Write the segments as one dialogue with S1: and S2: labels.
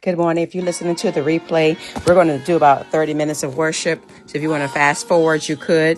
S1: Good morning. If you're listening to the replay, we're going to do about 30 minutes of worship. So if you want to fast forward, you could.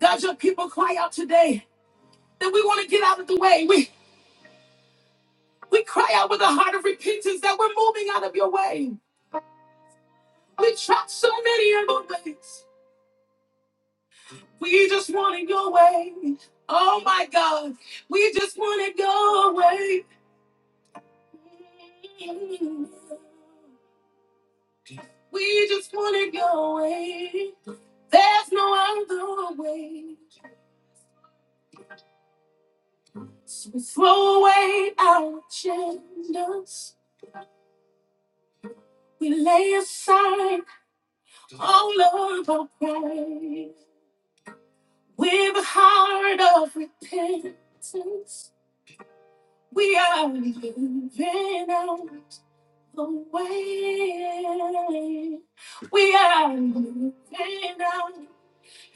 S1: God's your people cry out today that we want to get out of the way. We we cry out with a heart of repentance that we're moving out of your way. We tried so many other ways. We just wanted your way. Oh my God. We just wanted your way. We just wanted your way. There's no other way. So we throw away our agendas. We lay aside all of our pride. With a heart of repentance, we are living out the way. We are living out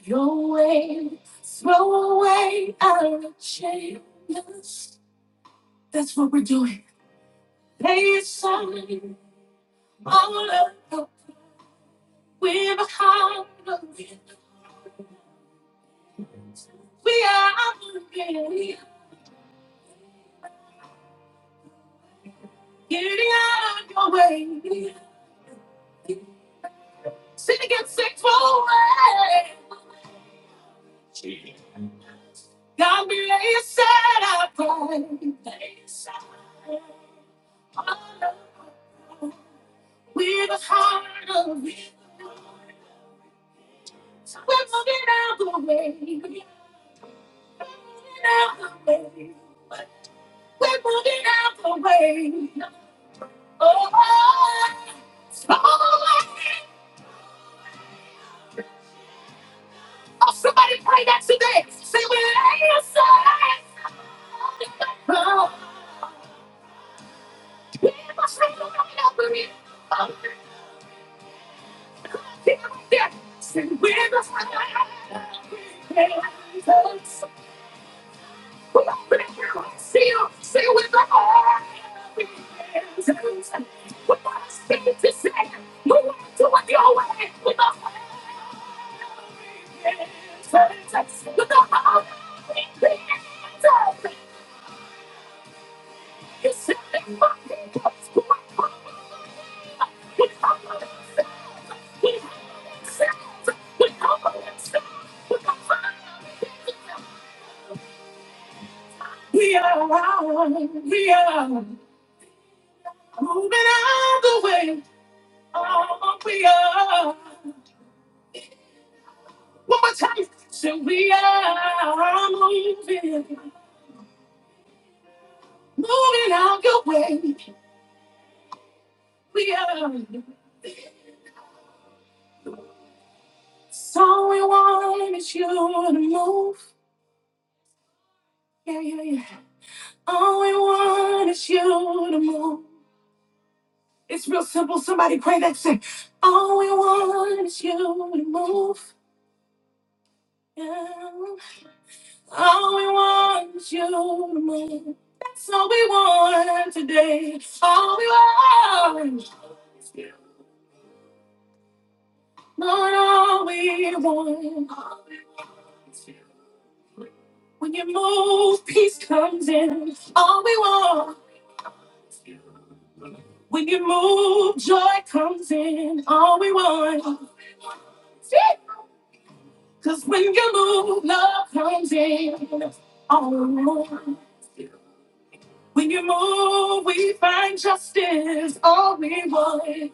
S1: your way. Throw away our agendas. That's what we're doing. Lay aside all of our We're behind the wheel. We are ready. Getting out of your way. Sin against six away. God be laid aside, I pray. Lay aside. All of- We're behind the wheel. We're moving out the way. We're moving out the way. We're moving out the way. Oh, oh, oh. Oh, somebody pray that today. Say, we lay aside. Oh, we must lay down over it. Oh, yeah, yeah. Say, we must lay down. Lay down. Come on, Say, oh, we must lay down. We must take it to say, we want to do your way. We must lay down. We must lay down. We are, we are moving out the way. Oh, we are. One more time. So we are moving, moving out your way. We are. So all we want is you to move. Yeah, yeah, yeah. All we want is you to move. It's real simple. Somebody pray that sick. All we want is you to move. Yeah. All we want is you to move. That's all we want today. All we want is you. Lord, all we want. When you move, peace comes in. All we want. When you move, joy comes in. All we want. Cause when you move, love comes in. Oh, when you move, we find justice. All we want.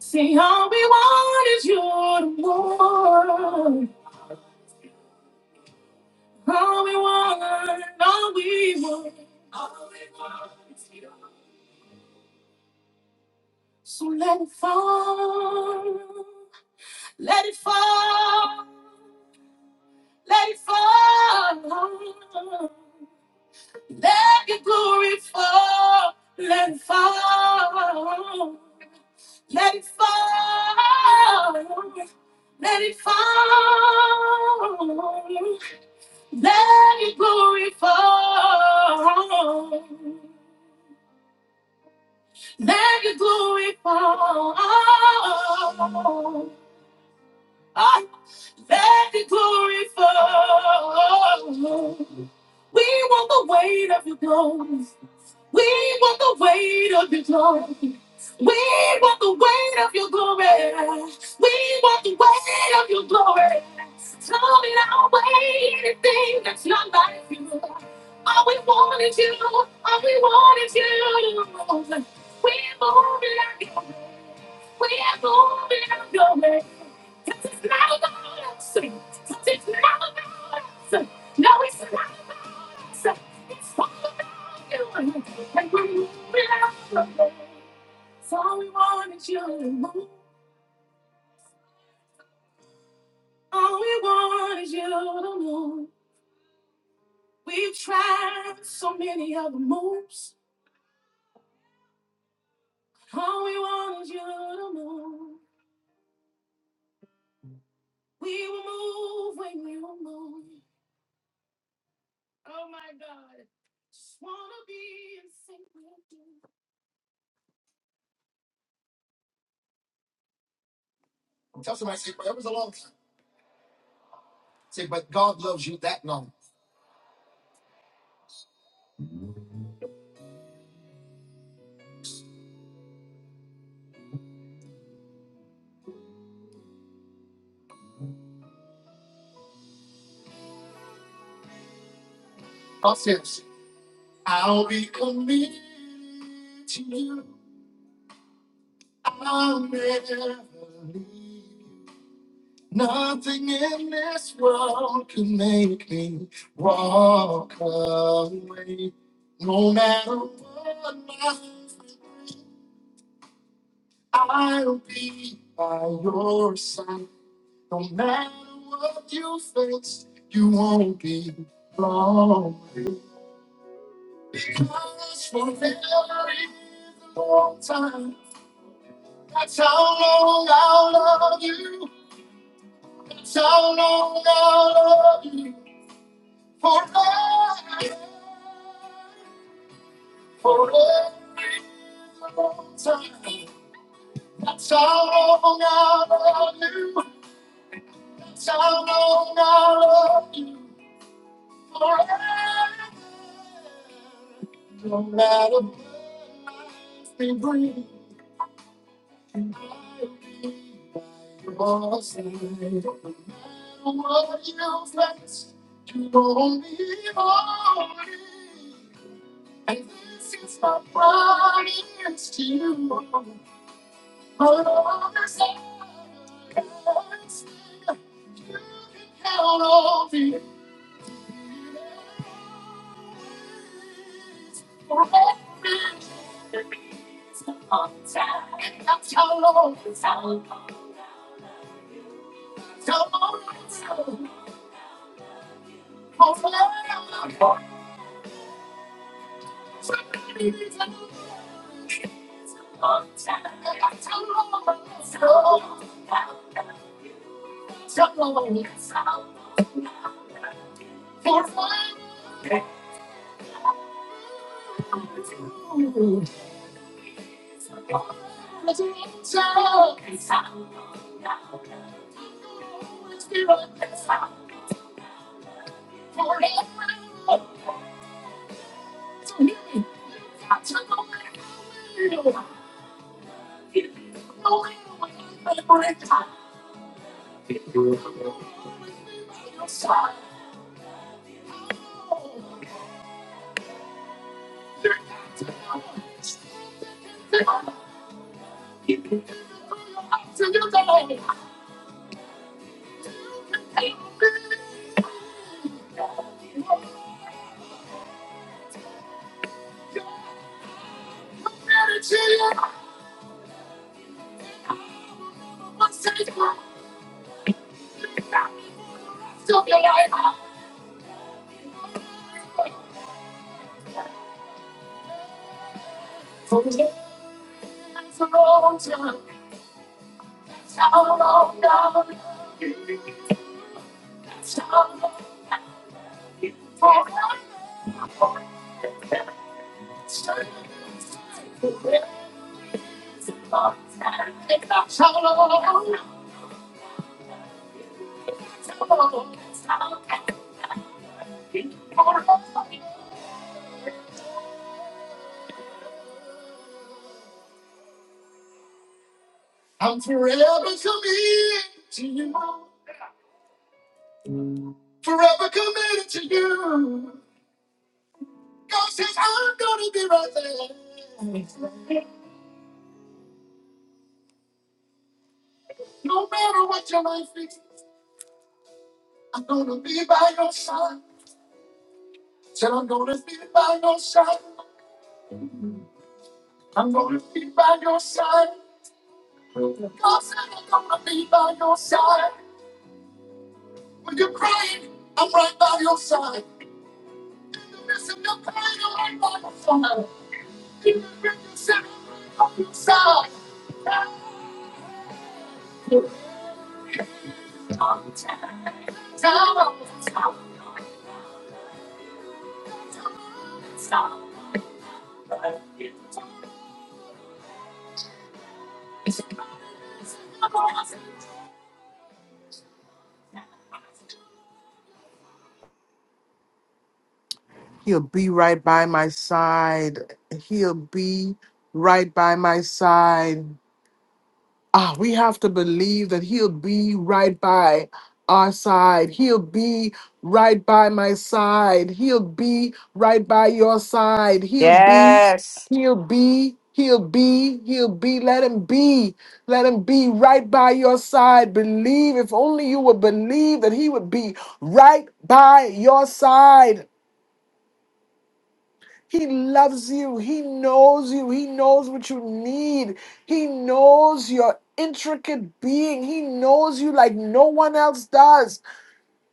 S1: See, all we want is you to move. All we want, all we want. All we want is you. So let it fall. Let it fall. Let it fall. Let your glory fall, let it fall, let it fall, let it fall, let your glory fall, let your glory fall. Ah, Let your glory fall. We want the weight of your glory. We want the weight of your glory. We want the weight of your glory. We want the weight of your glory. Throw it our way, anything that's not like you. All we want is you. All we want is you. We're moving on your way. We're moving on your way. 'Cause it's not about us. 'Cause it's not about us. No, it's not about us. It's all about you. And we move it out of the way. So all we want is you to move. All we want is you to move. We've tried so many other moves. All we want is you to move. We will move when you move. Oh my God. Just wanna be in sync with you. And this is my to you. All the same words I feel for every contact. And that's how long it's out. So long it's out. For forever. So many days I know it's a long time. And that's how long it's out. So long it's out. For forever. Ooh. It's a long time. It's out. From the Thank you.
S2: He'll be right by my side. He'll be right by my side. Ah, we have to believe that he'll be right by our side. He'll be right by my side. He'll be right by your side. He'll
S1: Yeah.
S2: be, he'll be, he'll be, he'll be. Let him be. Let him be right by your side. Believe, if only you would believe that he would be right by your side. He loves you. He knows you. He knows what you need. He knows your intricate being. He knows you like no one else does.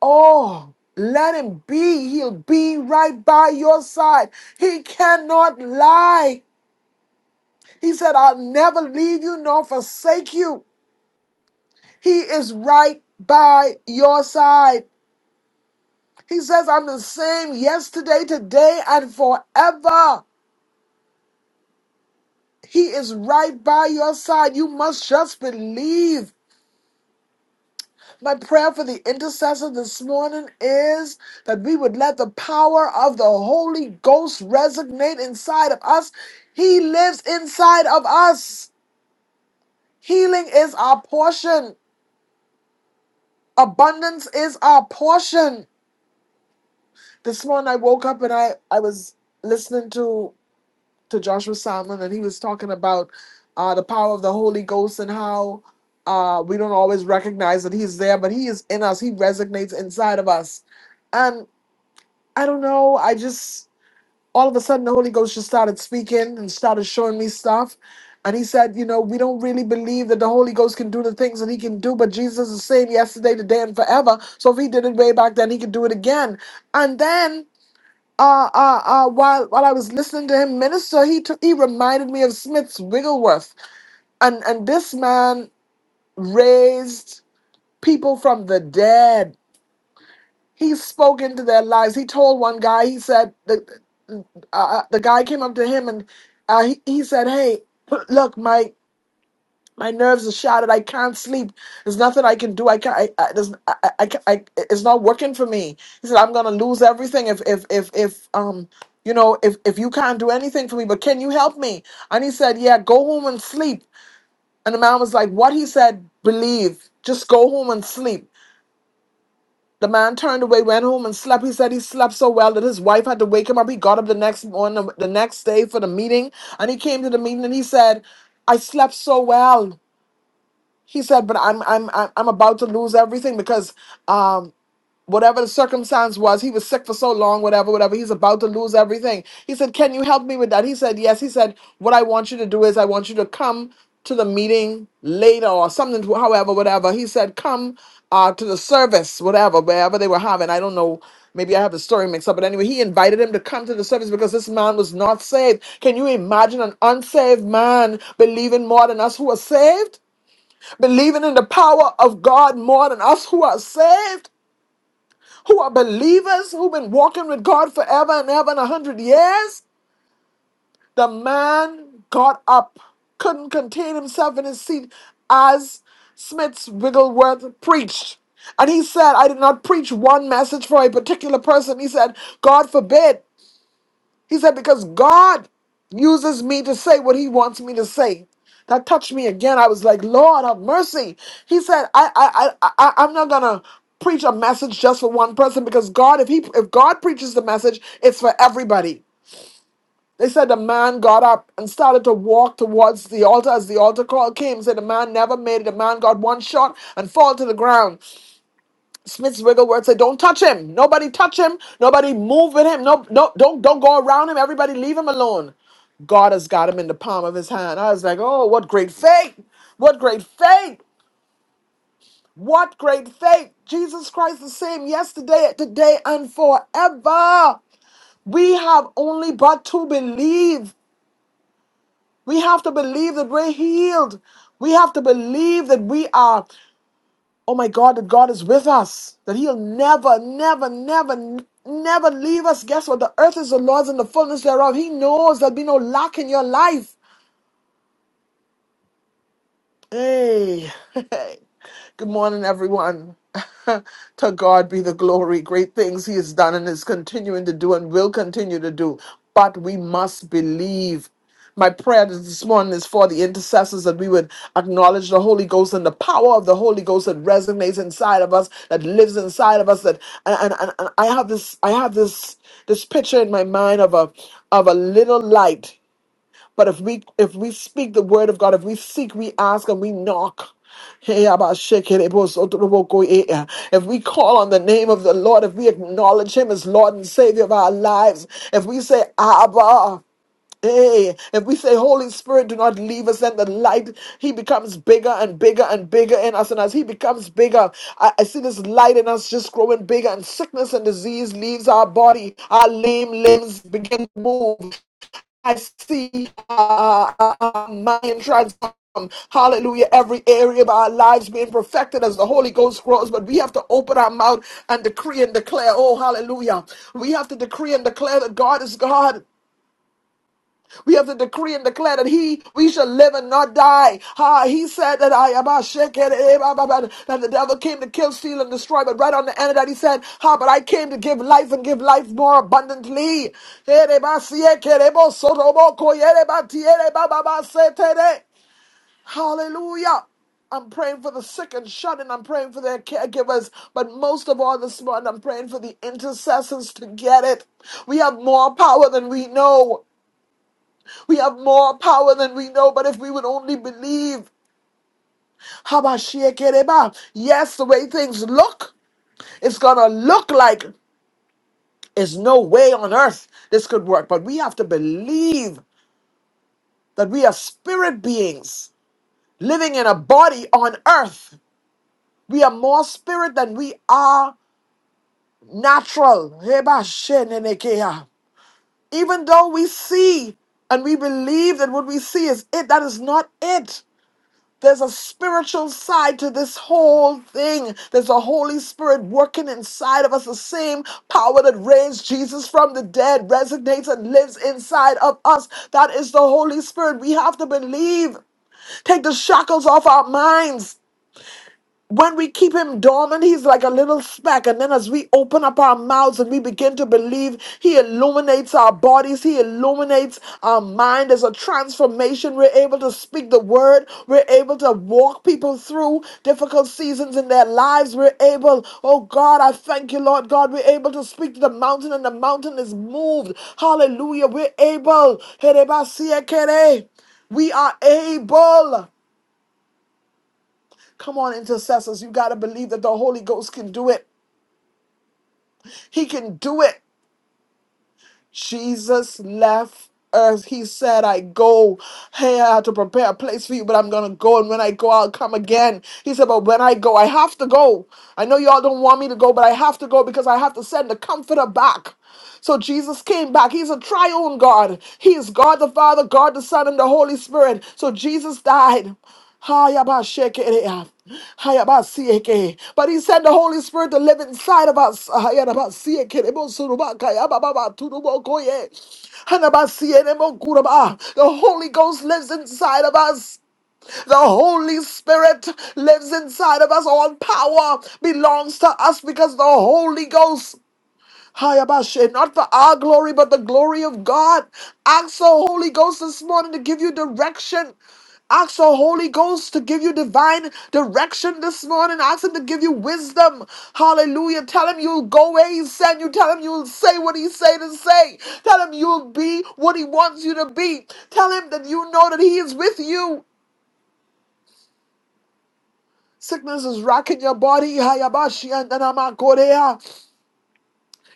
S2: Oh, let him be. He'll be right by your side. He cannot lie. He said, I'll never leave you nor forsake you. He is right by your side. He says, I'm the same yesterday, today, and forever. He is right by your side. You must just believe. My prayer for the intercessor this morning is that we would let the power of the Holy Ghost resonate inside of us. He lives inside of us. Healing is our portion, abundance is our portion. This morning I woke up and I, I was listening to to Joshua Salmon, and he was talking about uh, the power of the Holy Ghost and how uh, we don't always recognize that He's there, but He is in us. He resonates inside of us. And I don't know, I just, all of a sudden, the Holy Ghost just started speaking and started showing me stuff. And he said, You know, we don't really believe that the Holy Ghost can do the things that he can do, but Jesus is the same yesterday, today, and forever. So if he did it way back then, he could do it again. And then uh, uh, uh, while while I was listening to him minister, he took, he reminded me of Smith's Wigglesworth, and and this man raised people from the dead. He spoke into their lives. He told one guy, he said, the uh, uh, the guy came up to him and uh, he, he said, "Hey, look, Mike." My nerves are shattered. I can't sleep. There's nothing I can do. I can't. I, I, there's, I, I, I, I- it's not working for me. He said, I'm gonna lose everything if, if, if, if, um, you know, if, if you can't do anything for me. But can you help me? And he said, Yeah, go home and sleep. And the man was like, What? He said, Believe. Just go home and sleep. The man turned away, went home and slept. He said he slept so well that his wife had to wake him up. He got up the next morning, the next day for the meeting, and he came to the meeting and he said, "I slept so well." he said but i'm i'm i'm I'm about to lose everything because um whatever the circumstance was he was sick for so long whatever whatever he's about to lose everything he said can you help me with that he said yes he said what i want you to do is i want you to come to the meeting later or something to- however whatever he said come uh to the service whatever wherever they were having i don't know maybe i have the story mixed up but anyway he invited him to come to the service because this man was not saved can you imagine an unsaved man believing more than us who are saved believing in the power of God more than us who are saved, who are believers, who've been walking with God forever and ever and a hundred years. The man got up, couldn't contain himself in his seat as Smith Wigglesworth preached. And he said, I did not preach one message for a particular person. He said, God forbid he said, Because God uses me to say what He wants me to say. That touched me again. I was like, Lord, have mercy. He said, I, I, I, I I'm not gonna preach a message just for one person because God, if He, if God preaches the message, it's for everybody. They said the man got up and started to walk towards the altar as the altar call came. Said the man never made it. The man got one shot and fall to the ground. Smith's wiggle Wigglesworth said, "Don't touch him. Nobody touch him. Nobody move with him. No, no, don't, don't go around him. Everybody leave him alone. God has got him in the palm of his hand." I was like, "Oh, what great faith! What great faith! What great faith! Jesus Christ the same yesterday, today, and forever. We have only but to believe. We have to believe that we're healed. We have to believe that we are. oh my God, that God is with us, that He'll never, never, never, never leave us. Guess what? The earth is the Lord's and the fullness thereof. He knows there'll be no lack in your life. Hey, good morning, everyone. to God be the glory. Great things He has done and is continuing to do and will continue to do. But we must believe. My prayer this morning is for the intercessors that we would acknowledge the Holy Ghost and the power of the Holy Ghost that resonates inside of us, that lives inside of us. That and, and, and I have this, I have this, this picture in my mind of a of a little light but if we if we speak the word of God, if we seek, we ask, and we knock. Hey, so If we call on the name of the Lord, if we acknowledge Him as Lord and Savior of our lives, if we say, Abba, Hey, if we say, Holy Spirit, do not leave us, then the light, He becomes bigger and bigger and bigger in us. And as He becomes bigger, I, I see this light in us just growing bigger, and sickness and disease leaves our body. Our lame limbs begin to move. I see uh, uh, uh, Mayan tribes. um, Hallelujah. Every area of our lives being perfected as the Holy Ghost grows, but we have to open our mouth and decree and declare. Oh, hallelujah. We have to decree and declare that God is God. We have to decree and declare that he we shall live and not die. Ah, he said that I am a shaken eh, bah, bah, bah, that the devil came to kill, steal, and destroy. But right on the end of that, he said, Ah, but I came to give life and give life more abundantly. Eh, de ba, si, eh, ke, de bo, so, ro, bo, ko, ye, de ba, ti, eh, de ba, ba, ba, se, te, de. Hallelujah. I'm praying for the sick and shut in. I'm praying for their caregivers. But most of all, this morning, I'm praying for the intercessors to get it. We have more power than we know. We have more power than we know, but if we would only believe, Habashiekereba, yes, the way things look, it's gonna look like there's no way on earth this could work. But we have to believe that we are spirit beings living in a body on earth. We are more spirit than we are natural. Even though we see and we believe that what we see is it, that is not it. There's a spiritual side to this whole thing. There's a Holy Spirit working inside of us. The same power that raised Jesus from the dead resonates and lives inside of us. That is the Holy Spirit. We have to believe. Take the shackles off our minds when we keep him dormant, he's like a little speck. And then as we open up our mouths and we begin to believe, he illuminates our bodies, he illuminates our mind. There's a transformation. We're able to speak the word, we're able to walk people through difficult seasons in their lives. We're able, oh God, I thank you, Lord God, we're able to speak to the mountain, and the mountain is moved. Hallelujah. We're able. We are able. Come on, intercessors. You got to believe that the Holy Ghost can do it. He can do it. Jesus left earth. He said, I go here to prepare a place for you, but I'm going to go. And when I go, I'll come again. He said, But when I go, I have to go. I know y'all don't want me to go, but I have to go because I have to send the comforter back. So Jesus came back. He's a triune God. He is God the Father, God the Son, and the Holy Spirit. So Jesus died. Hayabashekerea. Hayabasieke. But he said the Holy Spirit to live inside of us. Hayabasieke. Ebosurubaka. Yabababaturubokoye. Hanabasienemokuraba. The Holy Ghost lives inside of us. The Holy Spirit lives inside of us. All power belongs to us because the Holy Ghost Hayabasha, Not for our glory, but the glory of God. Ask the Holy Ghost this morning to give you direction. Ask the Holy Ghost to give you divine direction this morning. Ask Him to give you wisdom. Hallelujah. Tell Him you'll go where He sent you. Tell Him you'll say what He say to say. Tell Him you'll be what He wants you to be. Tell Him that you know that He is with you. Sickness is rocking your body. Hayabashi and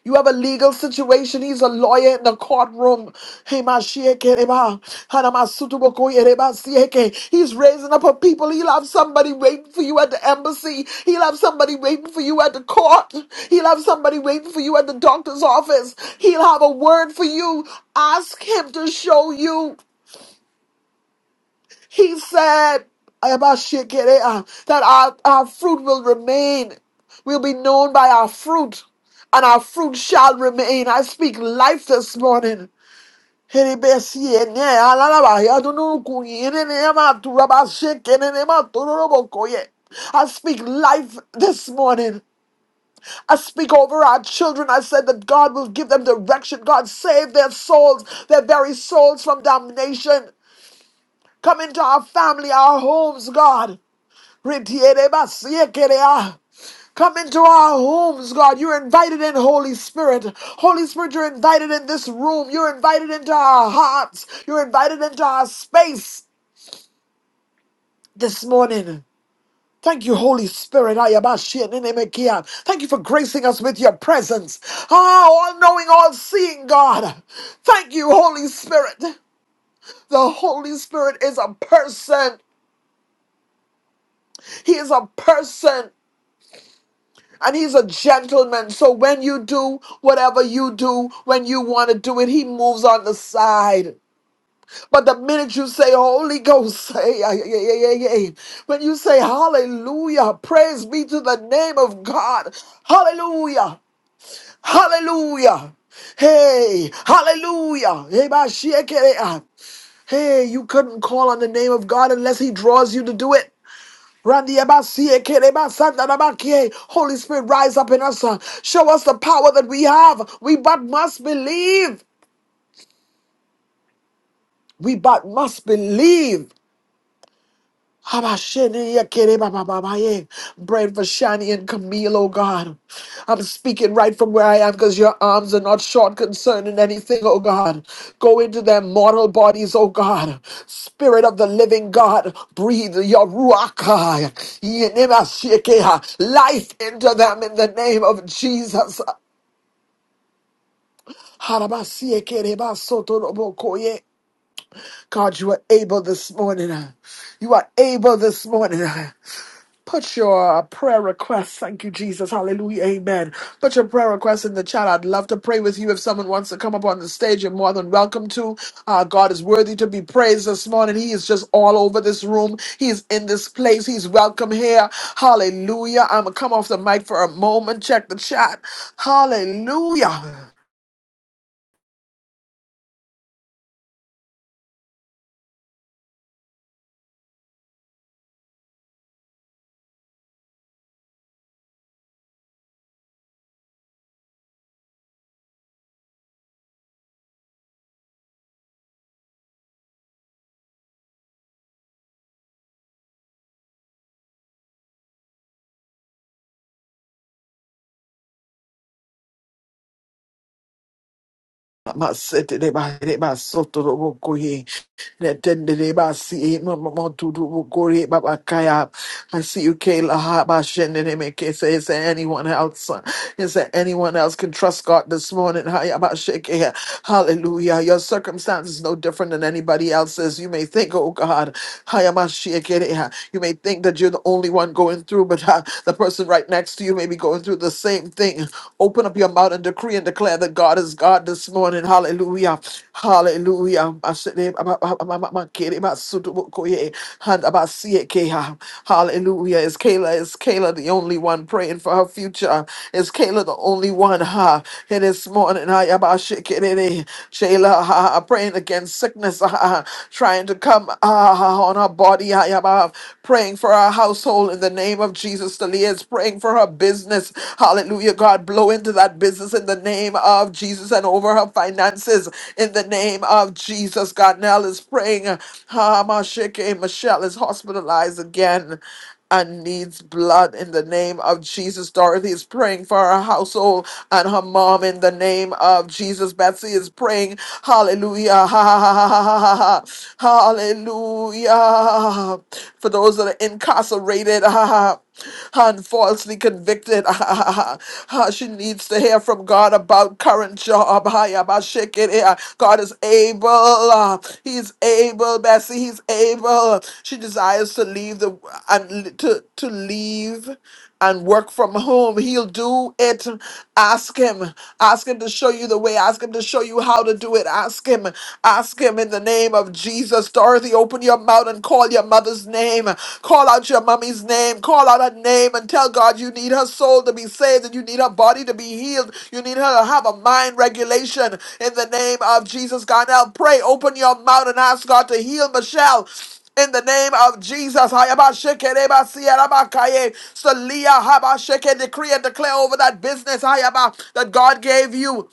S2: You have a legal situation. He's a lawyer in the courtroom. Hemashiakereba, Hanamasutubokoyereba, Sieke. He's raising up a people. He'll have somebody waiting for you at the embassy. He'll have somebody waiting for you at the court. He'll have somebody waiting for you at the doctor's office. He'll have a word for you. Ask him to show you. He said about Shekinah, that our, our fruit will remain. We'll be known by our fruit, and our fruit shall remain. I speak life this morning. I speak life this morning. I speak over our children. I said that God will give them direction. God save their souls, their very souls from damnation. Come into our family, our homes, God. Ritierebasiekerea. Come into our homes, God. You're invited in, Holy Spirit. Holy Spirit, you're invited in this room. You're invited into our hearts. You're invited into our space this morning. Thank you, Holy Spirit. Ayabashi nenemekia. Thank you for gracing us with your presence. Ah, all knowing, all seeing God. Thank you, Holy Spirit. The Holy Spirit is a person. He is a person. And he's a gentleman. So when you do whatever you do, when you want to do it, he moves on the side. But the minute you say, Holy Ghost, say, ay, ay, ay, ay, ay, when you say, Hallelujah, praise be to the name of God, Hallelujah, Hallelujah, hey, Hallelujah, hey, ba, shi, eh, ke, eh, ah. hey, you couldn't call on the name of God unless he draws you to do it. Randiabasie, kerebasanda rabakie. Holy Spirit, rise up in us. uh, Show us the power that we have. We but must believe. We but must believe. Habashenikerebababaye. Bread for Shani and Camille, oh God. I'm speaking right from where I am because your arms are not short concerning anything, oh God. Go into their mortal bodies, oh God. Spirit of the living God, breathe your ruach, ah, yenemashikeha, life into them in the name of Jesus. Harabasiekerebasotonobokoye. God, you are able this morning. You are able this morning. Put your prayer requests. Thank you, Jesus. Hallelujah. Amen. Put your prayer requests in the chat. I'd love to pray with you. If someone wants to come up on the stage, you're more than welcome to. Uh, God is worthy to be praised this morning. He is just all over this room. He is in this place. He's welcome here. Hallelujah. I'm going to come off the mic for a moment. Check the chat. Hallelujah. Netendereba si ma ma ma tu tu bukuri baba kaya. I see you, Kayla Haba Shendenemeke. Say, is there anyone else? uh, Is there anyone else can trust God this morning? Haya ba sheke. Hallelujah. Your circumstance is no different than anybody else's. You may think, oh God, haya ma sheke. you may think that you're the only one going through, but uh, the person right next to you may be going through the same thing. Open up your mouth and decree and declare that God is God. God, this morning. Hallelujah. Hallelujah. I said, eh, I'm- I'm- I'm- I'm- I'm kidding. I'm so to work, oh, yeah. And I'm about to see it, Keha. Hallelujah. Is Kayla, is Kayla the only one praying for her future? Is Kayla the only one, huh? And this morning, I am about to shake it in it. Shayla, huh? Praying against sickness, huh? Trying to come ah, on her body, I am ah, praying for her household in the name of Jesus. Talia is praying for her business business. Hallelujah, God, blow into that business in the name of Jesus and over her finances in the name of Jesus. God, Nell is praying. Hamashike, Michelle is hospitalized again and needs blood in the name of Jesus. Dorothy is praying for her household and her mom in the name of Jesus. Betsy is praying, hallelujah, ha, ha, ha, ha, ha, ha, ha, hallelujah. For those that are incarcerated, ha, ha. ha and falsely convicted. Ah, she needs to hear from God about current job. Ah, yeah, but shake it here. God is able. ah, He's able, Bessie. He's able. She desires to leave the and l- to to leave and work from home. He'll do it. Ask him. Ask him to show you the way. Ask him to show you how to do it. Ask him. Ask him in the name of Jesus. Dorothy, open your mouth and call your mother's name. Call out your mommy's name. Call out her name and tell God you need her soul to be saved and you need her body to be healed. You need her to have a mind regulation in the name of Jesus. God, now pray. Open your mouth and ask God to heal Michelle in the name of Jesus. Hayabashekerebasiyarabakaye. Saliya habasheke. Decree and declare over that business Hayaba, that God gave you.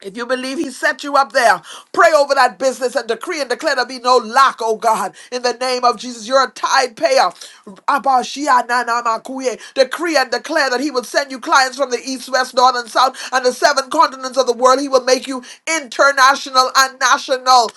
S2: If you believe He set you up there, pray over that business and decree and declare there be no lack, oh God. In the name of Jesus, you're a tide payer. Abashiyananamakuye. Decree and declare that He will send you clients from the east, west, north, and south, and the seven continents of the world. He will make you international and national.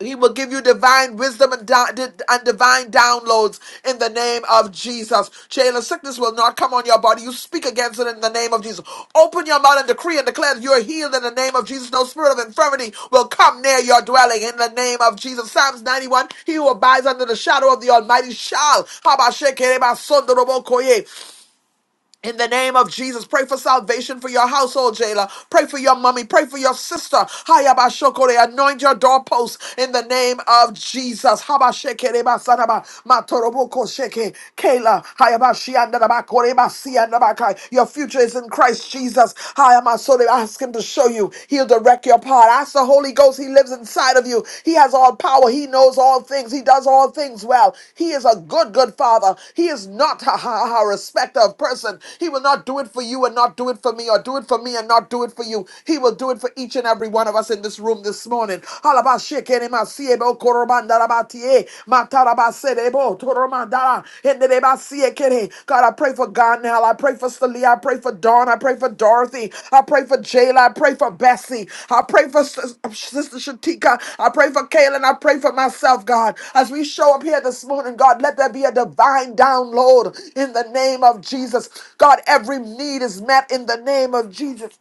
S2: He will give you divine wisdom and, di- di- and divine downloads in the name of Jesus. Jailer, sickness will not come on your body. You speak against it in the name of Jesus. Open your mouth and decree and declare that you are healed in the name of Jesus. No spirit of infirmity will come near your dwelling in the name of Jesus. Psalms 91 He who abides under the shadow of the Almighty shall. Habashekereba sondorobokoye. In the name of Jesus, pray for salvation for your household, Jayla. Pray for your mommy. Pray for your sister. Hayabashokore, anoint your doorposts in the name of Jesus. Habashekereba matoroboko sheke, Kayla, hayabashiandabakore Your future is in Christ Jesus. Hayamasore, Ask Him to show you. He'll direct your path. Ask the Holy Holy Ghost. He lives inside of you. He has all power. He knows all things. He does all things well. He is a good, good father. He is not a, a, a respecter of person. He will not do it for you and not do it for me, or do it for me and not do it for you. He will do it for each and every one of us in this room this morning. Halabashekenemasie, bokorobandarabatiye, matarabasede, botoromandara. In the name I see it, Kenny. God, I pray for Garnell. I pray for Celia. I pray for Dawn. I pray for Dorothy. I pray for Jayla. I pray for Bessie. I pray for Sis- Sister Shatika. I pray for Kaylin. I pray for myself, God. As we show up here this morning, God, let there be a divine download in the name of Jesus. God, every need is met in the name of Jesus.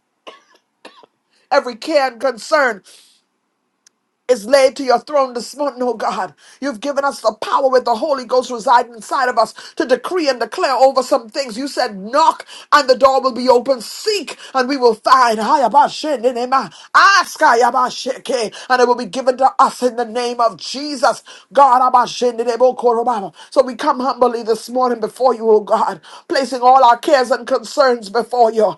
S2: Every care and concern is laid to your throne this morning, oh God. You've given us the power with the Holy Ghost residing inside of us to decree and declare over some things. You said, knock and the door will be open. Seek and we will find. Ayabashenenema. Ask ayabasheke, and it will be given to us in the name of Jesus. God, abashenenebokorobaba. so we come humbly this morning before you, oh God, placing all our cares and concerns before you.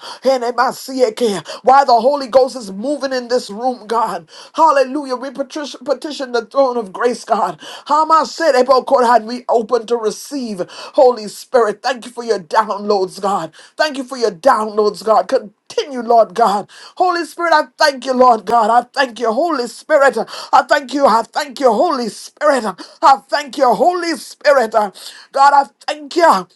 S2: Why the Holy Ghost is moving in this room, God. Hallelujah. We petition, petition the throne of grace, God. Hama said, "Ebo korhan," We open to receive, Holy Spirit. Thank you for your downloads, God. Thank you for your downloads, God. Continue, Lord God. Holy Spirit, I thank you, Lord God. I thank you, Holy Spirit. I thank you. I thank you, Holy Spirit. I thank you, Holy Spirit. God, I thank you.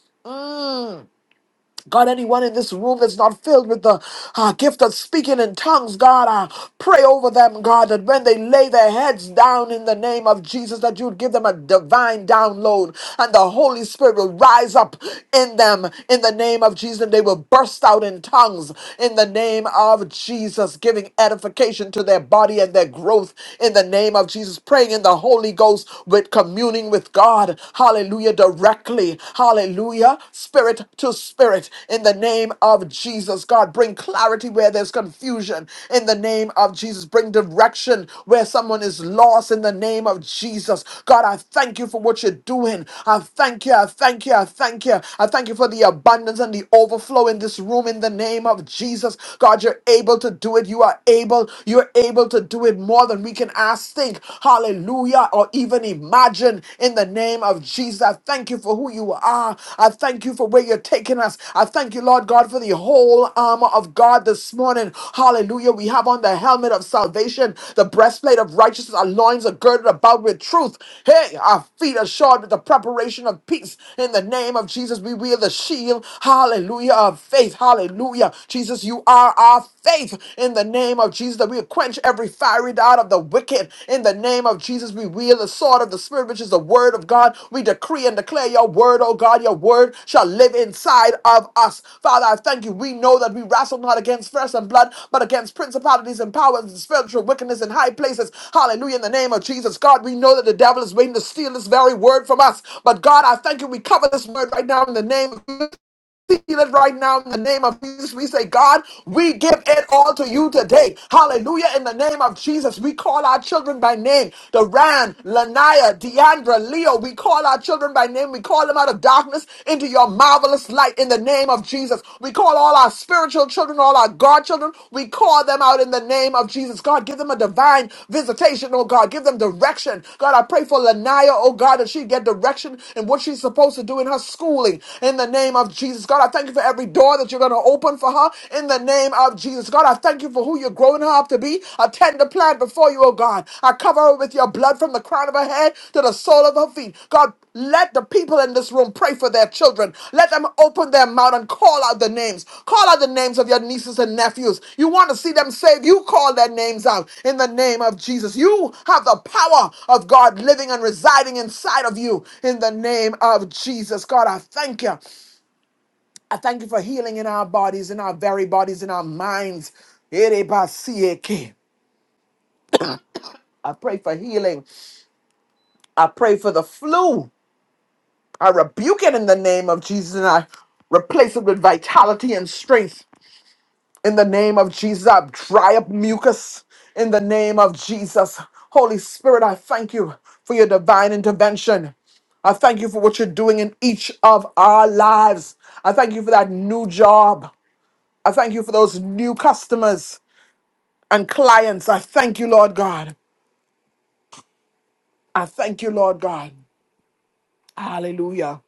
S2: God, anyone in this room that's not filled with the uh, gift of speaking in tongues, God, I pray over them, God, that when they lay their heads down in the name of Jesus, that you would give them a divine download and the Holy Spirit will rise up in them in the name of Jesus and they will burst out in tongues in the name of Jesus, giving edification to their body and their growth in the name of Jesus, praying in the Holy Ghost with communing with God. Hallelujah. Directly. Hallelujah. Spirit to spirit. In the name of Jesus, God, bring clarity where there's confusion. In the name of Jesus, bring direction where someone is lost. In the name of Jesus, God, I thank you for what you're doing. I thank you. I thank you. I thank you. I thank you for the abundance and the overflow in this room. In the name of Jesus, God, you're able to do it. You are able. You're able to do it more than we can ask us think, hallelujah, or even imagine in the name of Jesus. I thank you for who you are. I thank you for where you're taking us. I thank you, Lord God, for the whole armor of God this morning. Hallelujah. We have on the helmet of salvation, the breastplate of righteousness, our loins are girded about with truth. Hey, our feet are shod with the preparation of peace. In the name of Jesus, we wield the shield. Hallelujah. Of faith. Hallelujah. Jesus, you are our faith in the name of Jesus that we will quench every fiery dart of the wicked. In the name of Jesus, we wield the sword of the Spirit, which is the word of God. We decree and declare your word, oh God. Your word shall live inside of us. Father, I thank you. We know that we wrestle not against flesh and blood, but against principalities and powers and spiritual wickedness in high places. Hallelujah. In the name of Jesus, God, we know that the devil is waiting to steal this very word from us. But God, I thank you. We cover this word right now in the name of Jesus seated right now in the name of Jesus. We say, God, we give it all to you today. Hallelujah. In the name of Jesus, we call our children by name. Duran, Lanaya, Deandra, Leo. We call our children by name. We call them out of darkness into your marvelous light in the name of Jesus. We call all our spiritual children, all our God children. We call them out in the name of Jesus. God, give them a divine visitation, oh God. Give them direction. God, I pray for Lanaya, oh God, that she get direction in what she's supposed to do in her schooling in the name of of Jesus. God, I thank you for every door that you're going to open for her in the name of Jesus. God, I thank you for who you're growing her up to be. I tend to plan before you, oh God. I cover her with your blood from the crown of her head to the sole of her feet. God, let the people in this room pray for their children. Let them open their mouth and call out the names. Call out the names of your nieces and nephews. You want to see them saved? You call their names out in the name of Jesus. You have the power of God living and residing inside of you in the name of Jesus. God, I thank you. I thank you for healing in our bodies, in our very bodies, in our minds. Erebasieke. I pray for healing. I pray for the flu. I rebuke it in the name of Jesus and I replace it with vitality and strength. In the name of Jesus, I dry up mucus. In the name of Jesus, Holy Spirit, I thank you for your divine intervention. I thank you for what you're doing in each of our lives. I thank you for that new job. I thank you for those new customers. and clients. I thank you, Lord God. I thank you, Lord God. Hallelujah.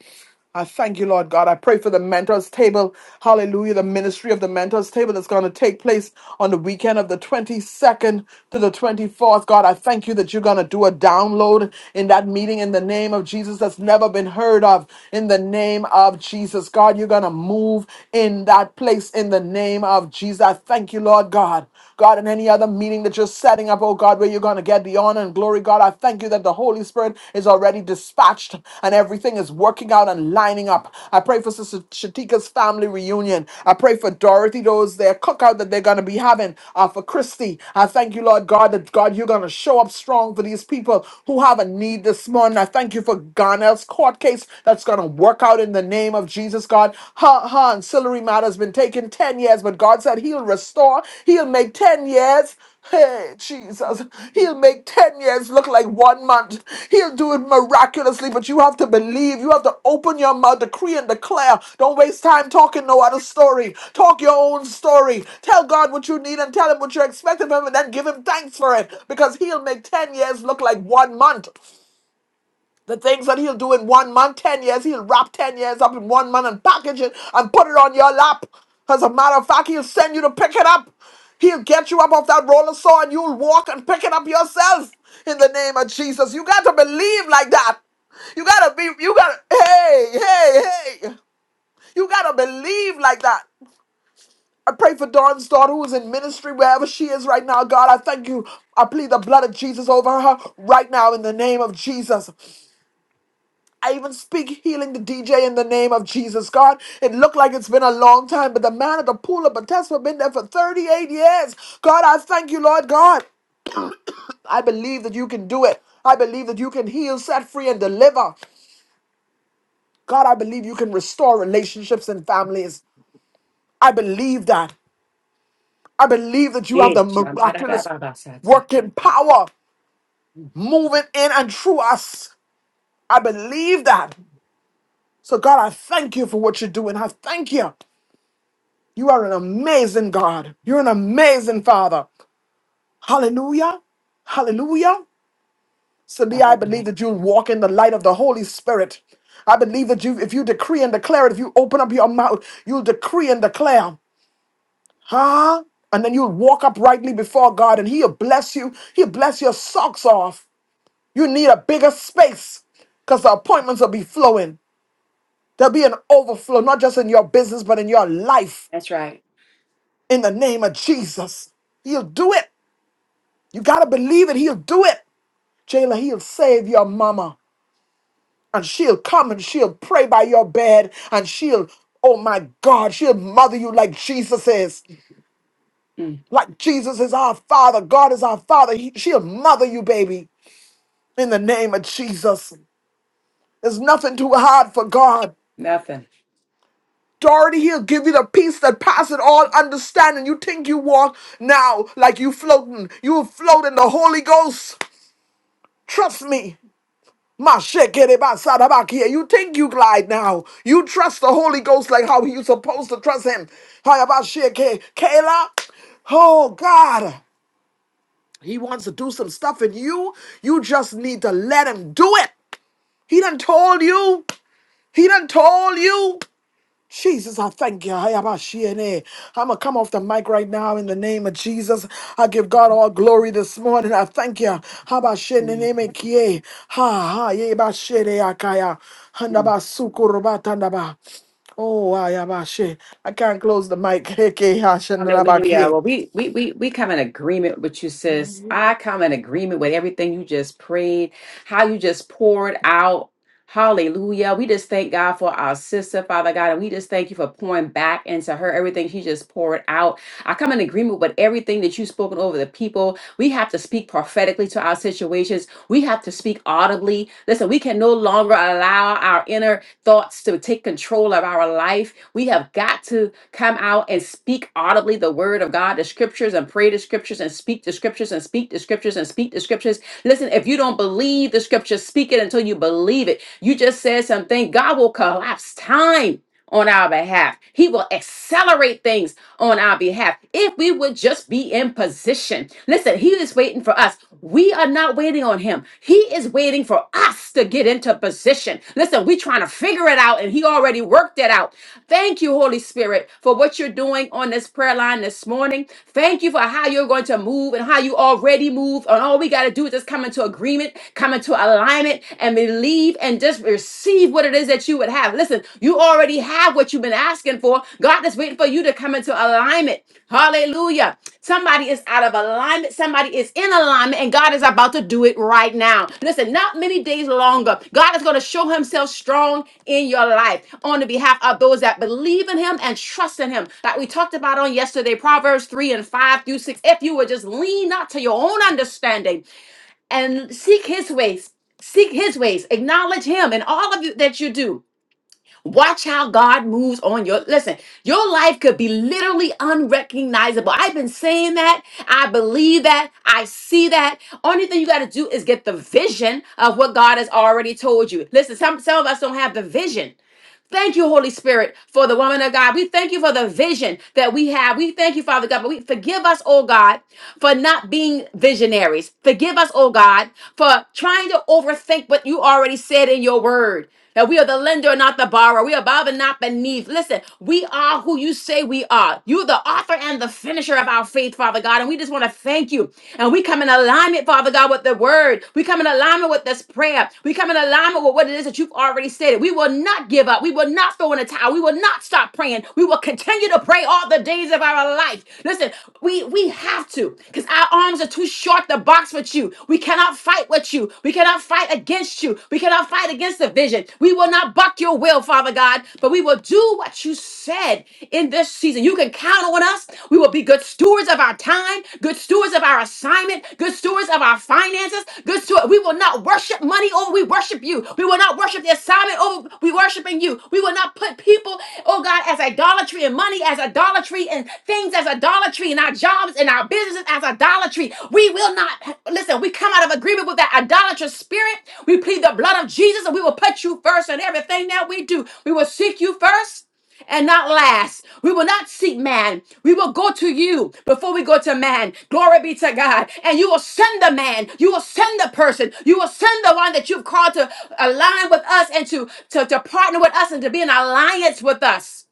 S2: I thank you, Lord God. I pray for the mentors table. Hallelujah. The ministry of the mentors table that's going to take place on the weekend of the 22nd to the 24th. God, I thank you that you're going to do a download in that meeting in the name of Jesus that's never been heard of. In the name of Jesus, God, you're going to move in that place in the name of Jesus. I thank you, Lord God. God, in any other meeting that you're setting up, oh God. God, where you're going to get the honor and glory, God. I thank you that the Holy Spirit is already dispatched and everything is working out and lining up. I pray for Sister Shatika's family reunion. I pray for Dorothy, those their cookout that they're going to be having uh, for Christy. I thank you, Lord God, that God, you're going to show up strong for these people who have a need this morning. I thank you for Garnell's court case that's going to work out in the name of Jesus, God. Her, her ancillary matter has been taken 10 years, but God said he'll restore, he'll make 10 years. Hey, Jesus. He'll make 10 years look like one month. He'll do it miraculously, but you have to believe. You have to open your mouth, decree and declare. Don't waste time talking no other story. Talk your own story. Tell God what you need and tell Him what you're expecting from Him, and then give Him thanks for it because He'll make 10 years look like one month. The things that he'll do in one month, 10 years, he'll wrap 10 years up in one month and package it and put it on your lap. As a matter of fact, he'll send you to pick it up. He'll get you up off that roller saw and you'll walk and pick it up yourself in the name of Jesus. You got to believe like that. You got to be, you got to, hey, hey, hey. You got to believe like that. I pray for Dawn's daughter who is in ministry wherever she is right now. God, I thank you. I plead the blood of Jesus over her right now in the name of Jesus. I even speak healing the DJ in the name of Jesus, God. It looked like it's been a long time, but the man at the pool of Bethesda been there for 38 years. God, I thank you, Lord God. I believe that you can do it. I believe that you can heal, set free, and deliver. God, I believe you can restore relationships and families. I believe that. I believe that you have the miraculous working power moving in and through us. I believe that. So, God, I thank you for what you're doing. I thank you. You are an amazing God. You're an amazing Father. Hallelujah. Hallelujah. Cindy, I believe that you'll walk in the light of the Holy Spirit. I believe that you, if you decree and declare it, if you open up your mouth, you'll decree and declare. Huh? And then you'll walk uprightly before God and He'll bless you. He'll bless your socks off. You need a bigger space because the appointments will be flowing. There'll be an overflow, not just in your business, but in your life.
S1: That's right.
S2: In the name of Jesus. He'll do it. You gotta believe it. He'll do it. Jayla, he'll save your mama. And she'll come and she'll pray by your bed. And she'll, oh my God, she'll mother you like Jesus is.
S1: Mm,
S2: Like Jesus is our Father. God is our Father. He- she'll mother you, baby, in the name of Jesus. There's nothing too hard for God.
S1: nothing.
S2: Dorothy, he'll give you the peace that passes all understanding. You think you walk now like you floating. You'll float in the Holy Ghost. Trust me. Mashekerebasarabakia. You think you glide now. You trust the Holy Ghost like how you supposed to trust him. Hayabasheke. Kayla. Oh God. He wants to do some stuff in you. You just need to let him do it. He done told you. He done told you. Jesus, I thank you. I'm going to come off the mic right now in the name of Jesus. I give God all glory this morning. I thank you. Habashenenemekie. Ha, ha, ye bashere yebashereakaya. Handabasukurubatandaba. Oh, ayabashe. I can't close the mic. Heke,
S1: Hallelujah.
S2: hashandarabakie.
S1: Well, we, we we we come in agreement with you, sis. I come in agreement with everything you just prayed, how you just poured out. Hallelujah. We just thank God for our sister, Father God, and we just thank you for pouring back into her everything she just poured out. I come in agreement with everything that you've spoken over the people. We have to speak prophetically to our situations. We have to speak audibly. Listen, we can no longer allow our inner thoughts to take control of our life. We have got to come out and speak audibly the word of God, the scriptures, and pray the scriptures, and speak the scriptures, and speak the scriptures, and speak the scriptures. Listen, if you don't believe the scriptures, speak it until you believe it. You just said something, God will collapse time on our behalf, He will accelerate things on our behalf if we would just be in position. Listen, He is waiting for us. We are not waiting on Him. He is waiting for us to get into position. Listen, we trying to figure it out, and He already worked it out. Thank you, Holy Spirit, for what you're doing on this prayer line this morning. Thank you for how you're going to move and how you already move. And all we got to do is just come into agreement, come into alignment, and believe and just receive what it is that you would have. Listen, you already have what you've been asking for. God is waiting for you to come into alignment. Hallelujah. Hallelujah. Somebody is out of alignment. Somebody is in alignment, and God is about to do it right now. Listen, not many days longer. God is going to show himself strong in your life on the behalf of those that believe in him and trust in him. Like we talked about on yesterday, Proverbs 3 and 5 through 6. If you would just lean not to your own understanding and seek his ways, seek his ways, acknowledge him in all of you that you do Watch how God moves on your listen. Your life could be literally unrecognizable. I've been saying that. I believe that. I see that. Only thing you got to do is get the vision of what God has already told you. Listen, some some of us don't have the vision. Thank you, Holy Spirit, for the woman of God. We thank you for the vision that we have. We thank you, Father God. But we forgive us, oh God for not being visionaries. Forgive us, oh God, for trying to overthink what you already said in your word. That we are the lender, not the borrower. We are above and not beneath. Listen, we are who you say we are. You're the author and the finisher of our faith, Father God. And we just want to thank you. And we come in alignment, Father God, with the word. We come in alignment with this prayer. We come in alignment with what it is that you've already said. We will not give up. God. We will not throw in a towel. We will not stop praying. We will continue to pray all the days of our life. Listen, we we have to because our arms are too short to box with you. We cannot fight with you. We cannot fight against you. We cannot fight against the vision. We will not buck your will, Father God, but we will do what you said in this season. You can count on us. We will be good stewards of our time, good stewards of our assignment, good stewards of our finances, good steward. We will not worship money over we worship you. We will not worship the assignment over we worshiping you. We will not put people, oh God, as idolatry and money as idolatry and things as idolatry and our jobs and our businesses as idolatry. We will not listen, we come out of agreement with that idolatrous spirit. We plead the blood of Jesus and we will put you first in everything that we do. We will seek you first and not last. We will not seek man. We will go to you before we go to man. Glory be to God. And you will send the man. You will send the person. You will send the one that you've called to align with us and to, to, to partner with us and to be in alliance with us.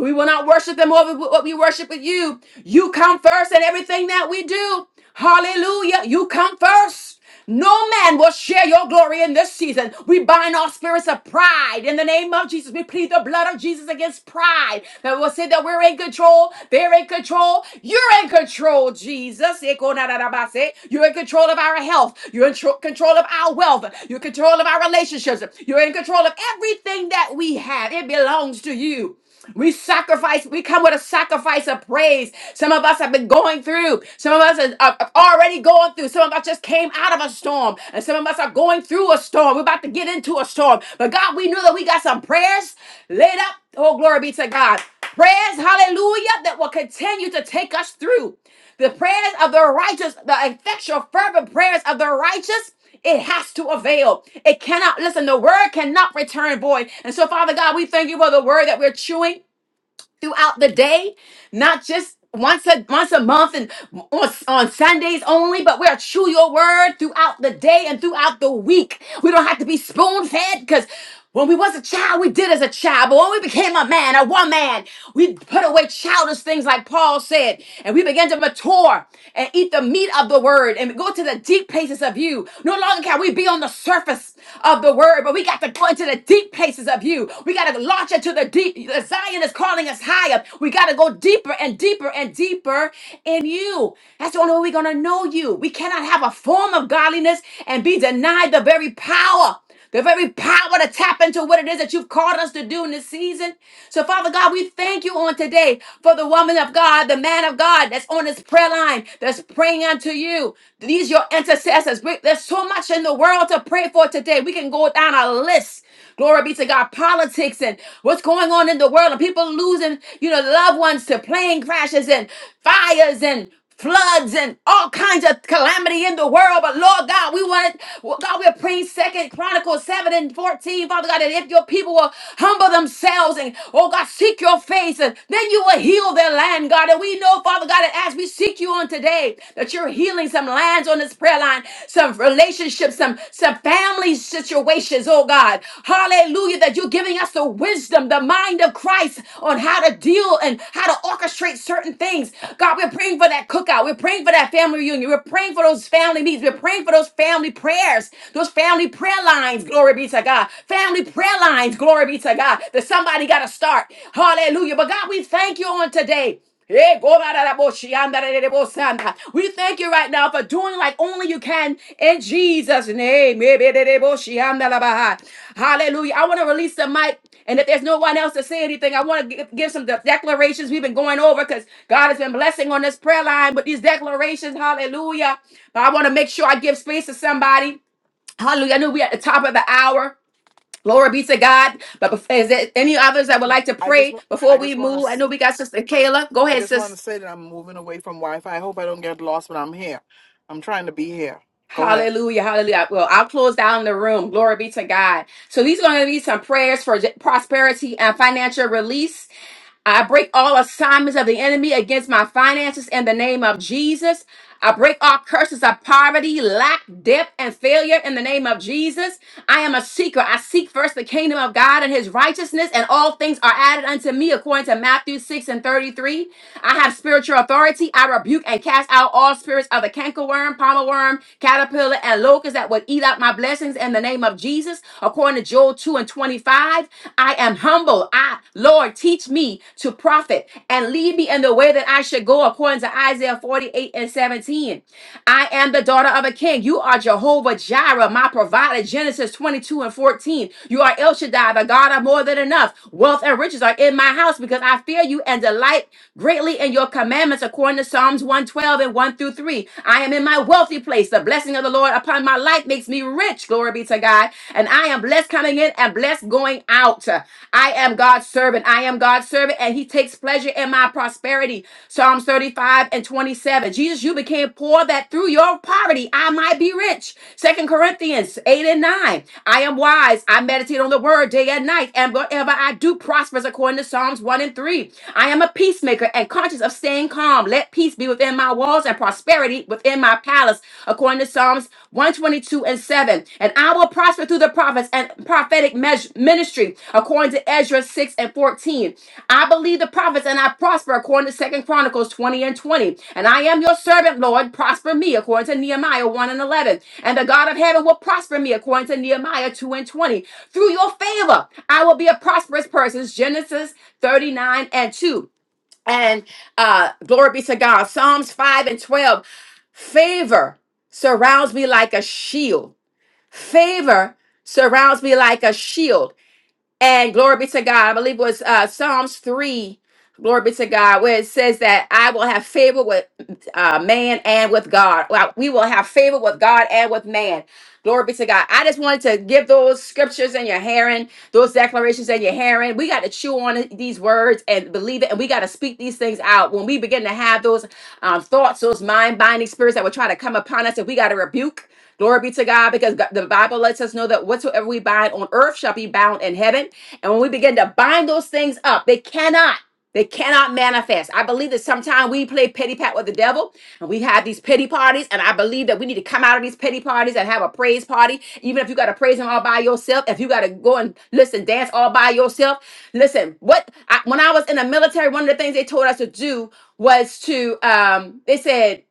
S1: We will not worship them over what we worship with you. You come first in everything that we do. Hallelujah. You come first. No man will share your glory in this season. We bind all spirits of pride in the name of Jesus. We plead the blood of Jesus against pride that will say that we're in control, they're in control, you're in control, Jesus. Ekonarabase. You're in control of our health, you're in tro- control of our wealth, you're in control of our relationships, you're in control of everything that we have. It belongs to you. We sacrifice, we come with a sacrifice of praise. Some of us have been going through. Some of us are, are already going through. Some of us just came out of a storm. And some of us are going through a storm. We're about to get into a storm. But God, we knew that we got some prayers laid up. Oh, glory be to God. Prayers, hallelujah, that will continue to take us through. The prayers of the righteous, the effectual, fervent prayers of the righteous, it has to avail. It cannot, listen, the word cannot return void. And so, Father God, we thank you for the word that we're chewing throughout the day, not just once a once a month and on, on Sundays only, but we're true your word throughout the day and throughout the week. We don't have to be spoon fed because when we was a child, we did as a child, but when we became a man, a woman, we put away childish things like Paul said, and we began to mature and eat the meat of the word and go to the deep places of you. No longer can we be on the surface of the word, but we got to to go into the deep places of you. We got to launch into the deep. Zion is calling us higher. We got to go deeper and deeper and deeper in you. That's the only way we're going to know you. We cannot have a form of godliness and be denied the very power, the very power to tap into what it is that you've called us to do in this season. So, Father God, we thank you on today for the woman of God, the man of God that's on this prayer line that's praying unto you. These your your intercessors. We- There's so much in the world to pray for today. We can go down a list. Glory be to God. Politics and what's going on in the world, and people losing, you know, loved ones to plane crashes and fires and floods and all kinds of calamity in the world. But Lord God, we want it. well, God, we're praying Second Chronicles 7 and 14. Father God, that if your people will humble themselves and oh God, seek your face, and then you will heal their land, time, God. And we know, Father God, that as we seek you on today, that you're healing some lands on this prayer line, some relationships, some, some family situations, oh God. Hallelujah, that you're giving us the wisdom, the mind of Christ on how to deal and how to orchestrate certain things. God, we're praying for that cookout. We're praying for that family reunion. We're praying for those family meetings. We're praying for those family prayers, those family prayer lines. Glory be to God. Family prayer lines. Glory be to God. That somebody got to start. Hallelujah. But God, we thank you on today. Eh, go da da da bo shi, anda da da da da bo sanda. We thank you right now for doing like only you can in Jesus' name. Eh, be da da bo shi, anda la ba ha. Hallelujah. I want to release the mic. And if there's no one else to say anything, I want to give some de- declarations we've been going over because God has been blessing on this prayer line with these declarations. Hallelujah. But I want to make sure I give space to somebody. Hallelujah. I know we're at the top of the hour. Glory be to God. But bef- is there any others that would like to
S2: I just,
S1: pray
S2: want.
S1: before
S2: I
S1: we
S2: just want
S1: move?
S2: to,
S1: I know we got Sister Kayla. Go
S2: I
S1: ahead,
S2: just want
S1: sis.
S2: to say that I'm moving away from Wi-Fi. I hope I don't get lost when I'm here. I'm trying to be here. Go ahead.
S1: Hallelujah, hallelujah. Well, I'll close down the room. Glory be to God. So these are going to be some prayers for j- prosperity and financial release. I break all assignments of the enemy against my finances in the name of Jesus. I break all curses of poverty, lack, debt, and failure in the name of Jesus. I am a seeker. I seek first the kingdom of God and his righteousness, and all things are added unto me, according to Matthew 6 and 33. I have spiritual authority. I rebuke and cast out all spirits spirits of the cankerworm, palmer worm, caterpillar, and locust that would eat out my blessings in the name of Jesus. According to Joel 2 and 25, I am humble. I, Lord, teach me to profit and lead me in the way that I should go, according to Isaiah 48 and 17. I am the daughter of a king. You are Jehovah Jireh, my provider. Genesis 22 and 14. You are El Shaddai, the God of more than enough. Wealth and riches are in my house because I fear you and delight greatly in your commandments, according to Psalms 112 and 1 through 3. I am in my wealthy place. The blessing of the Lord upon my life makes me rich. Glory be to God. And I am blessed coming in and blessed going out. I am God's servant servant. I am God's servant, and he takes pleasure in my prosperity. Psalms 35 and 27. Jesus, you became poor that through your poverty I might be rich. Second Corinthians 8 and 9. I am wise. I meditate on the word day and night, and whatever I do prospers according to Psalms 1 and 3. I am a peacemaker and conscious of staying calm. Let peace be within my walls and prosperity within my palace, according to Psalms 122 and 7. And I will prosper through the prophets and prophetic measure, ministry, according to Ezra 6 and 14. I believe the prophets and I prosper, according to Second Chronicles 20 and 20. And I am your servant, Lord. Prosper me, according to Nehemiah 1 and 11. And the God of heaven will prosper me, according to Nehemiah 2 and 20. Through your favor, I will be a prosperous person. Genesis 39 and 2. And uh, glory be to God. Psalms 5 and 12. Favor surrounds me like a shield. Favor surrounds me like a shield. And glory be to God. I believe it was uh, Psalms 3. Glory be to God, where it says that I will have favor with uh, man and with God. Well, we will have favor with God and with man. Glory be to God. I just wanted to give those scriptures in your hearing, those declarations in your hearing. We got to chew on it- these words and believe it, and we got to speak these things out. When we begin to have those um, thoughts, those mind binding spirits that will try to come upon us, and we got to rebuke Glory be to God, because God- the Bible lets us know that whatsoever we bind on earth shall be bound in heaven, and when we begin to bind those things up, they cannot. They cannot manifest. I believe that sometimes we play pity pat with the devil and we have these pity parties. And I believe that we need to come out of these pity parties and have a praise party. Even if you got to praise him all by yourself, if you got to go and listen, dance all by yourself. Listen, what I, when I was in the military, one of the things they told us to do was to, um, they said,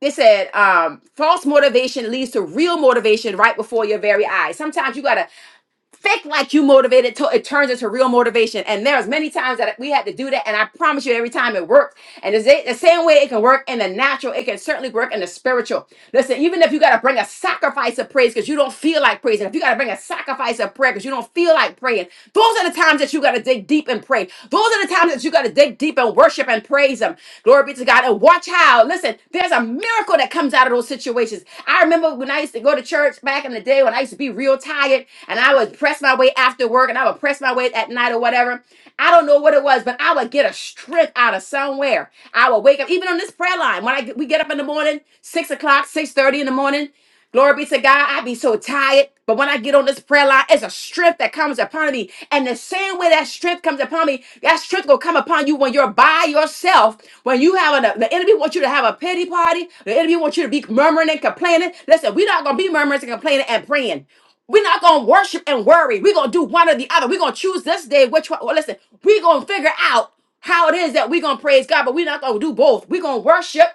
S1: they said um, false motivation leads to real motivation right before your very eyes. Sometimes you got to fake like you motivated till it turns into real motivation. And there's many times that we had to do that, and I promise you, every time it worked. And the sa- the same way it can work in the natural, it can certainly work in the spiritual. Listen, even if you got to bring a sacrifice of praise because you don't feel like praising, if you got to bring a sacrifice of prayer because you don't feel like praying, those are the times that you got to dig deep and pray. Those are the times that you got to dig deep and worship worship and praise Him. Glory be to God. And watch how, listen, there's a miracle that comes out of those situations. I remember when I used to go to church back in the day when I used to be real tired and I would press my way after work and I would press my way at night or whatever. I don't know what it was, but I would get a strength out of somewhere. I would wake up, even on this prayer line, when I get, we get up in the morning, six o'clock, six thirty in the morning. Glory be to God. I be so tired. But when I get on this prayer line, it's a strength that comes upon me. And the same way that strength comes upon me, that strength will come upon you when you're by yourself. When you have a, the enemy wants you to have a pity party. The enemy wants you to be murmuring and complaining. Listen, we're not going to be murmuring and complaining and praying. We're not gonna worship and worry. We're gonna do one or the other. We're gonna choose this day which one. Well, listen, we're gonna figure out how it is that we're gonna praise God, but we're not gonna do both. We're gonna worship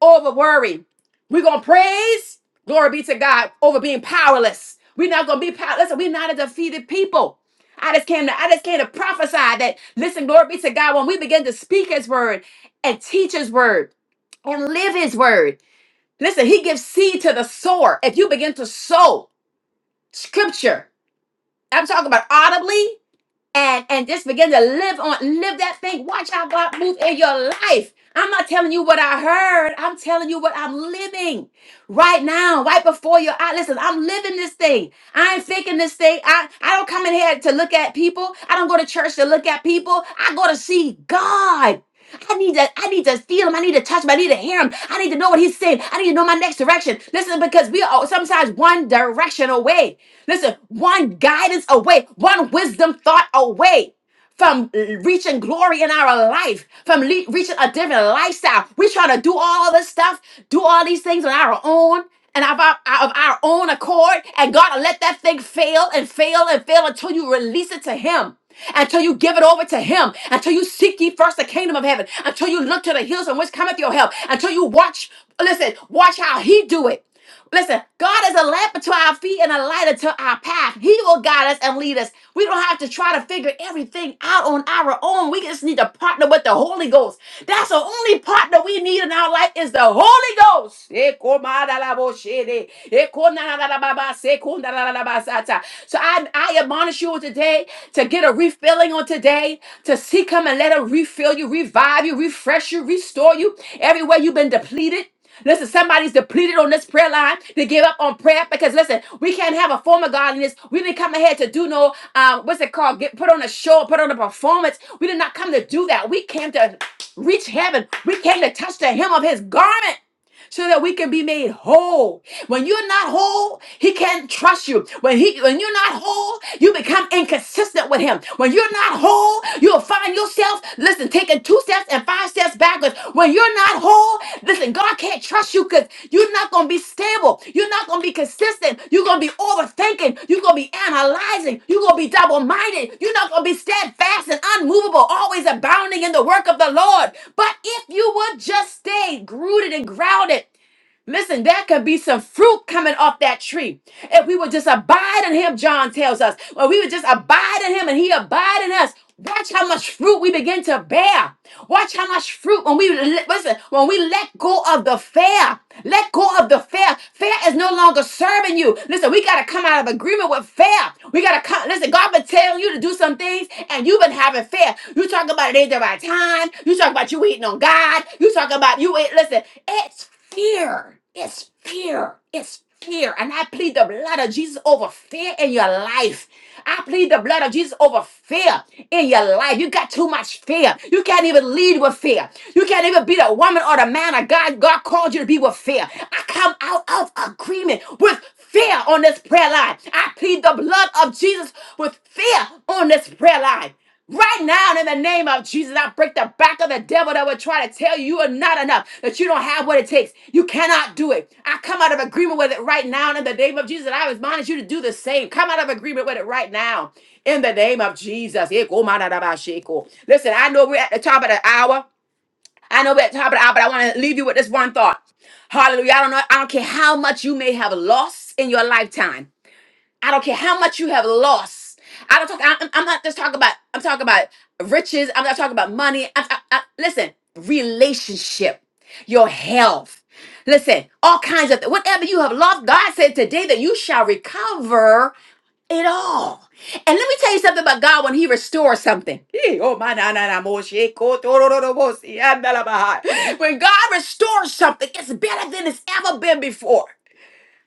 S1: over worry. We're gonna praise, glory be to God, over being powerless. We're not gonna be powerless. Listen, We're not a defeated people. I just came to I just came to prophesy that listen, glory be to God, when we begin to speak his word and teach his word and live his word. Listen, he gives seed to the sower. If you begin to sow scripture, I'm talking about audibly and and just begin to live on live that thing watch how god move in your life i'm not telling you what i heard i'm telling you what i'm living right now right before your eye listen i'm living this thing i ain't faking this thing i i don't come in here to look at people i don't go to church to look at people i go to see god I need to, I need to feel him. I need to touch him. I need to hear him. I need to know what he's saying. I need to know my next direction. Listen, because we are sometimes one direction away. Listen, one guidance away, one wisdom thought away from reaching glory in our life, from le- reaching a different lifestyle. We're trying to do all this stuff, do all these things on our own and of our, of our own accord, and God will let that thing fail and fail and fail until you release it to Him. Until you give it over to Him, until you seek ye first the kingdom of heaven, until you look to the hills from which cometh your help, until you watch, listen, watch how He do it. Listen, God is a lamp unto our feet and a light unto our path. He will guide us and lead us. We don't have to try to figure everything out on our own. We just need to partner with the Holy Ghost. That's the only partner we need in our life is the Holy Ghost. Ekomadalaboshede, ekonadadababase, kondadadabasata. So I, I admonish you today to get a refilling on today, to seek Him and let Him refill you, revive you, refresh you, restore you everywhere you've been depleted. Listen, somebody's depleted on this prayer line. They give up on prayer because listen, we can't have a form of godliness. We didn't come ahead to do no um, what's it called? Get put on a show, put on a performance. We did not come to do that. We came to reach heaven. We came to touch the hem of his garment so that we can be made whole. When you're not whole, he can't trust you. When he when you're not whole, you become inconsistent with him. When you're not whole, you'll find yourself, listen, taking two steps and five steps backwards. When you're not whole, listen, God can't trust you crush you because you're not gonna be stable, you're not gonna be consistent, you're gonna be overthinking, you're gonna be analyzing, you're gonna be double-minded, you're not gonna be steadfast and unmovable, always abounding in the work of the Lord. But if you would just stay rooted and grounded Listen, there could be some fruit coming off that tree. If we would just abide in him, John tells us, or we would just abide in him and he abide in us. Watch how much fruit we begin to bear. Watch how much fruit when we let- listen, when we let go of the fear, Let go of the fear. Fear is no longer serving you. Listen, we gotta come out of agreement with fear. We gotta come. Listen, God been telling you to do some things, and you've been having fear. You talk about it ain't the right time. You talk about you eating on God. You talk about you ain't listen. It's fear fear. It's fear. It's fear. And I plead the blood of Jesus over fear in your life. I plead the blood of Jesus over fear in your life. You got too much fear. You can't even lead with fear. You can't even be the woman or the man of God. God called you to be with fear. I come out of agreement with fear on this prayer line. I plead the blood of Jesus with fear on this prayer line. Right now, in the name of Jesus, I break the back of the devil that would try to tell you you are not enough, that you don't have what it takes. You cannot do it. I come out of agreement with it right now in the name of Jesus. And I admonish you to do the same. Come out of agreement with it right now in the name of Jesus. Eko manadabasheko. Listen, I know we're at the top of the hour. I know we're at the top of the hour, but I want to leave you with this one thought. Hallelujah. I don't know. I don't care how much you may have lost in your lifetime. I don't care how much you have lost. I don't talk. I, I'm not just talking about. I'm talking about riches. I'm not talking about money. I, I, I, listen, relationship, your health. Listen, all kinds of whatever you have lost. God said today that you shall recover it all. And let me tell you something about God when He restores something. Eh, Oh my na na na mo she ko to ro ro ro mo si an da la ba ha. When God restores something, it's better than it's ever been before.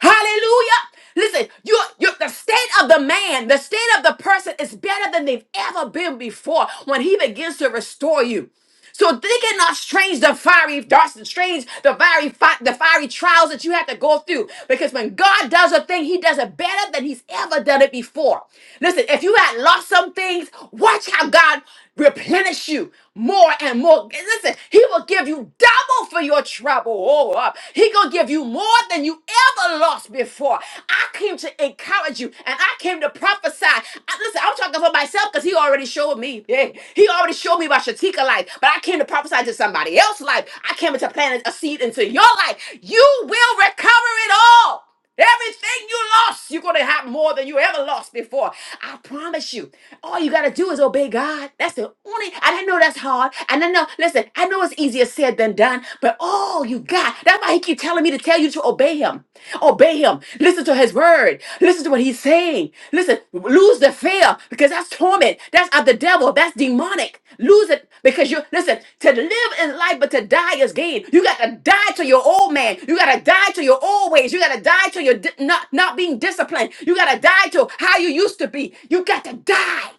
S1: Hallelujah. Listen, you you the state of the man, the state of the person is better than they've ever been before when he begins to restore you. So think it not strange the fiery darts and strange the fiery fi- the fiery trials that you have to go through. Because when God does a thing, He does it better than He's ever done it before. Listen, if you had lost some things, watch how God replenish you more and more. Listen, He will give you double for your trouble. Oh, uh, He gonna give you more than you ever lost before. I came to encourage you, and I came to prophesy. I, listen, I'm talking for myself because he already showed me. Yeah. He already showed me about Shatika life, but I came to prophesy to somebody else's life. I came to plant a seed into your life. You will recover it all. Everything you lost, you're going to have more than you ever lost before. I promise you. All you got to do is obey God. That's the only, I didn't know that's hard. And I know, listen, I know it's easier said than done, but all you got. That's why he keep telling me to tell you to obey him. Obey him. Listen to his word. Listen to what he's saying. Listen, lose the fear because that's torment. That's of the devil. That's demonic. Lose it because you listen to live is life, but to die is gain. You got to die to your old man. You got to die to your old ways. You got to die to your di- not not being disciplined. You got to die to how you used to be. You got to die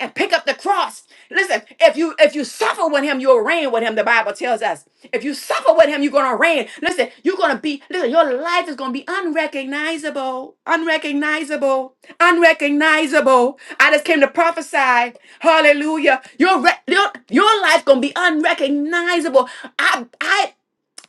S1: and pick up the cross. Listen, if you if you suffer with him, you'll reign with him. The Bible tells us. If you suffer with him, you're gonna reign. Listen, you're gonna be, listen, your life is gonna be unrecognizable, unrecognizable, unrecognizable. I just came to prophesy. Hallelujah. Your re- your, your life gonna be unrecognizable. I I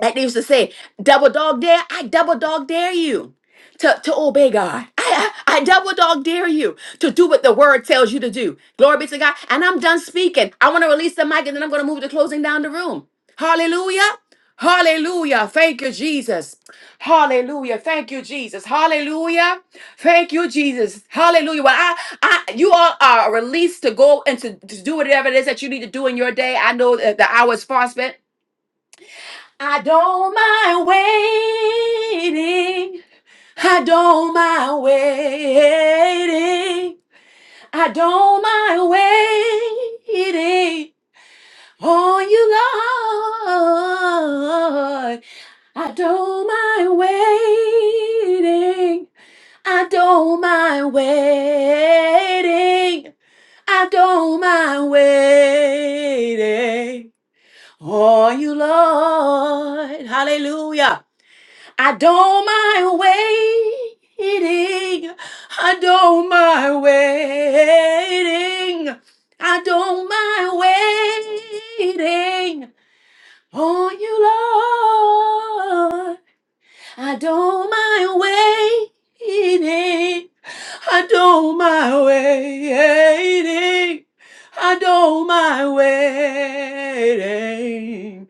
S1: like they used to say, double dog dare, I double dog dare you to, to obey God. I, I, I double dog dare you to do what the word tells you to do. Glory be to God. And I'm done speaking. I want to release the mic and then I'm going to move to closing down the room. Hallelujah. Hallelujah. Thank you, Jesus. Hallelujah. Thank you, Jesus. Hallelujah. Thank you, Jesus. Hallelujah. Well, I, I, you all are released to go and to, to do whatever it is that you need to do in your day. I know that the hour is far spent. I don't mind waiting. I don't mind waiting. I don't mind waiting on you, Lord. I don't mind waiting. I don't mind waiting. I don't mind waiting on you, Lord. Hallelujah. I don't mind waiting. I don't mind waiting. I don't mind waiting on you, Lord. I don't mind waiting. I don't mind waiting. I don't mind waiting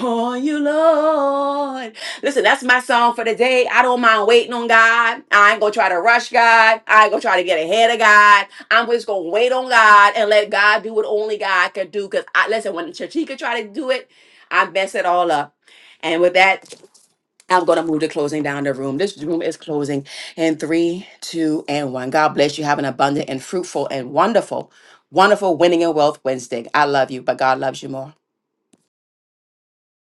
S1: on you, Lord. Listen, that's my song for the day. I don't mind waiting on God. I ain't gonna try to rush God. I ain't gonna try to get ahead of God. I'm just gonna wait on God and let God do what only God can do. Cause I listen, when Chachika tried to do it, I messed it all up. And with that, I'm going to move to closing down the room. This room is closing in three, two, and one. God bless you. Have an abundant and fruitful and wonderful, wonderful winning and wealth Wednesday. I love you, but God loves you more.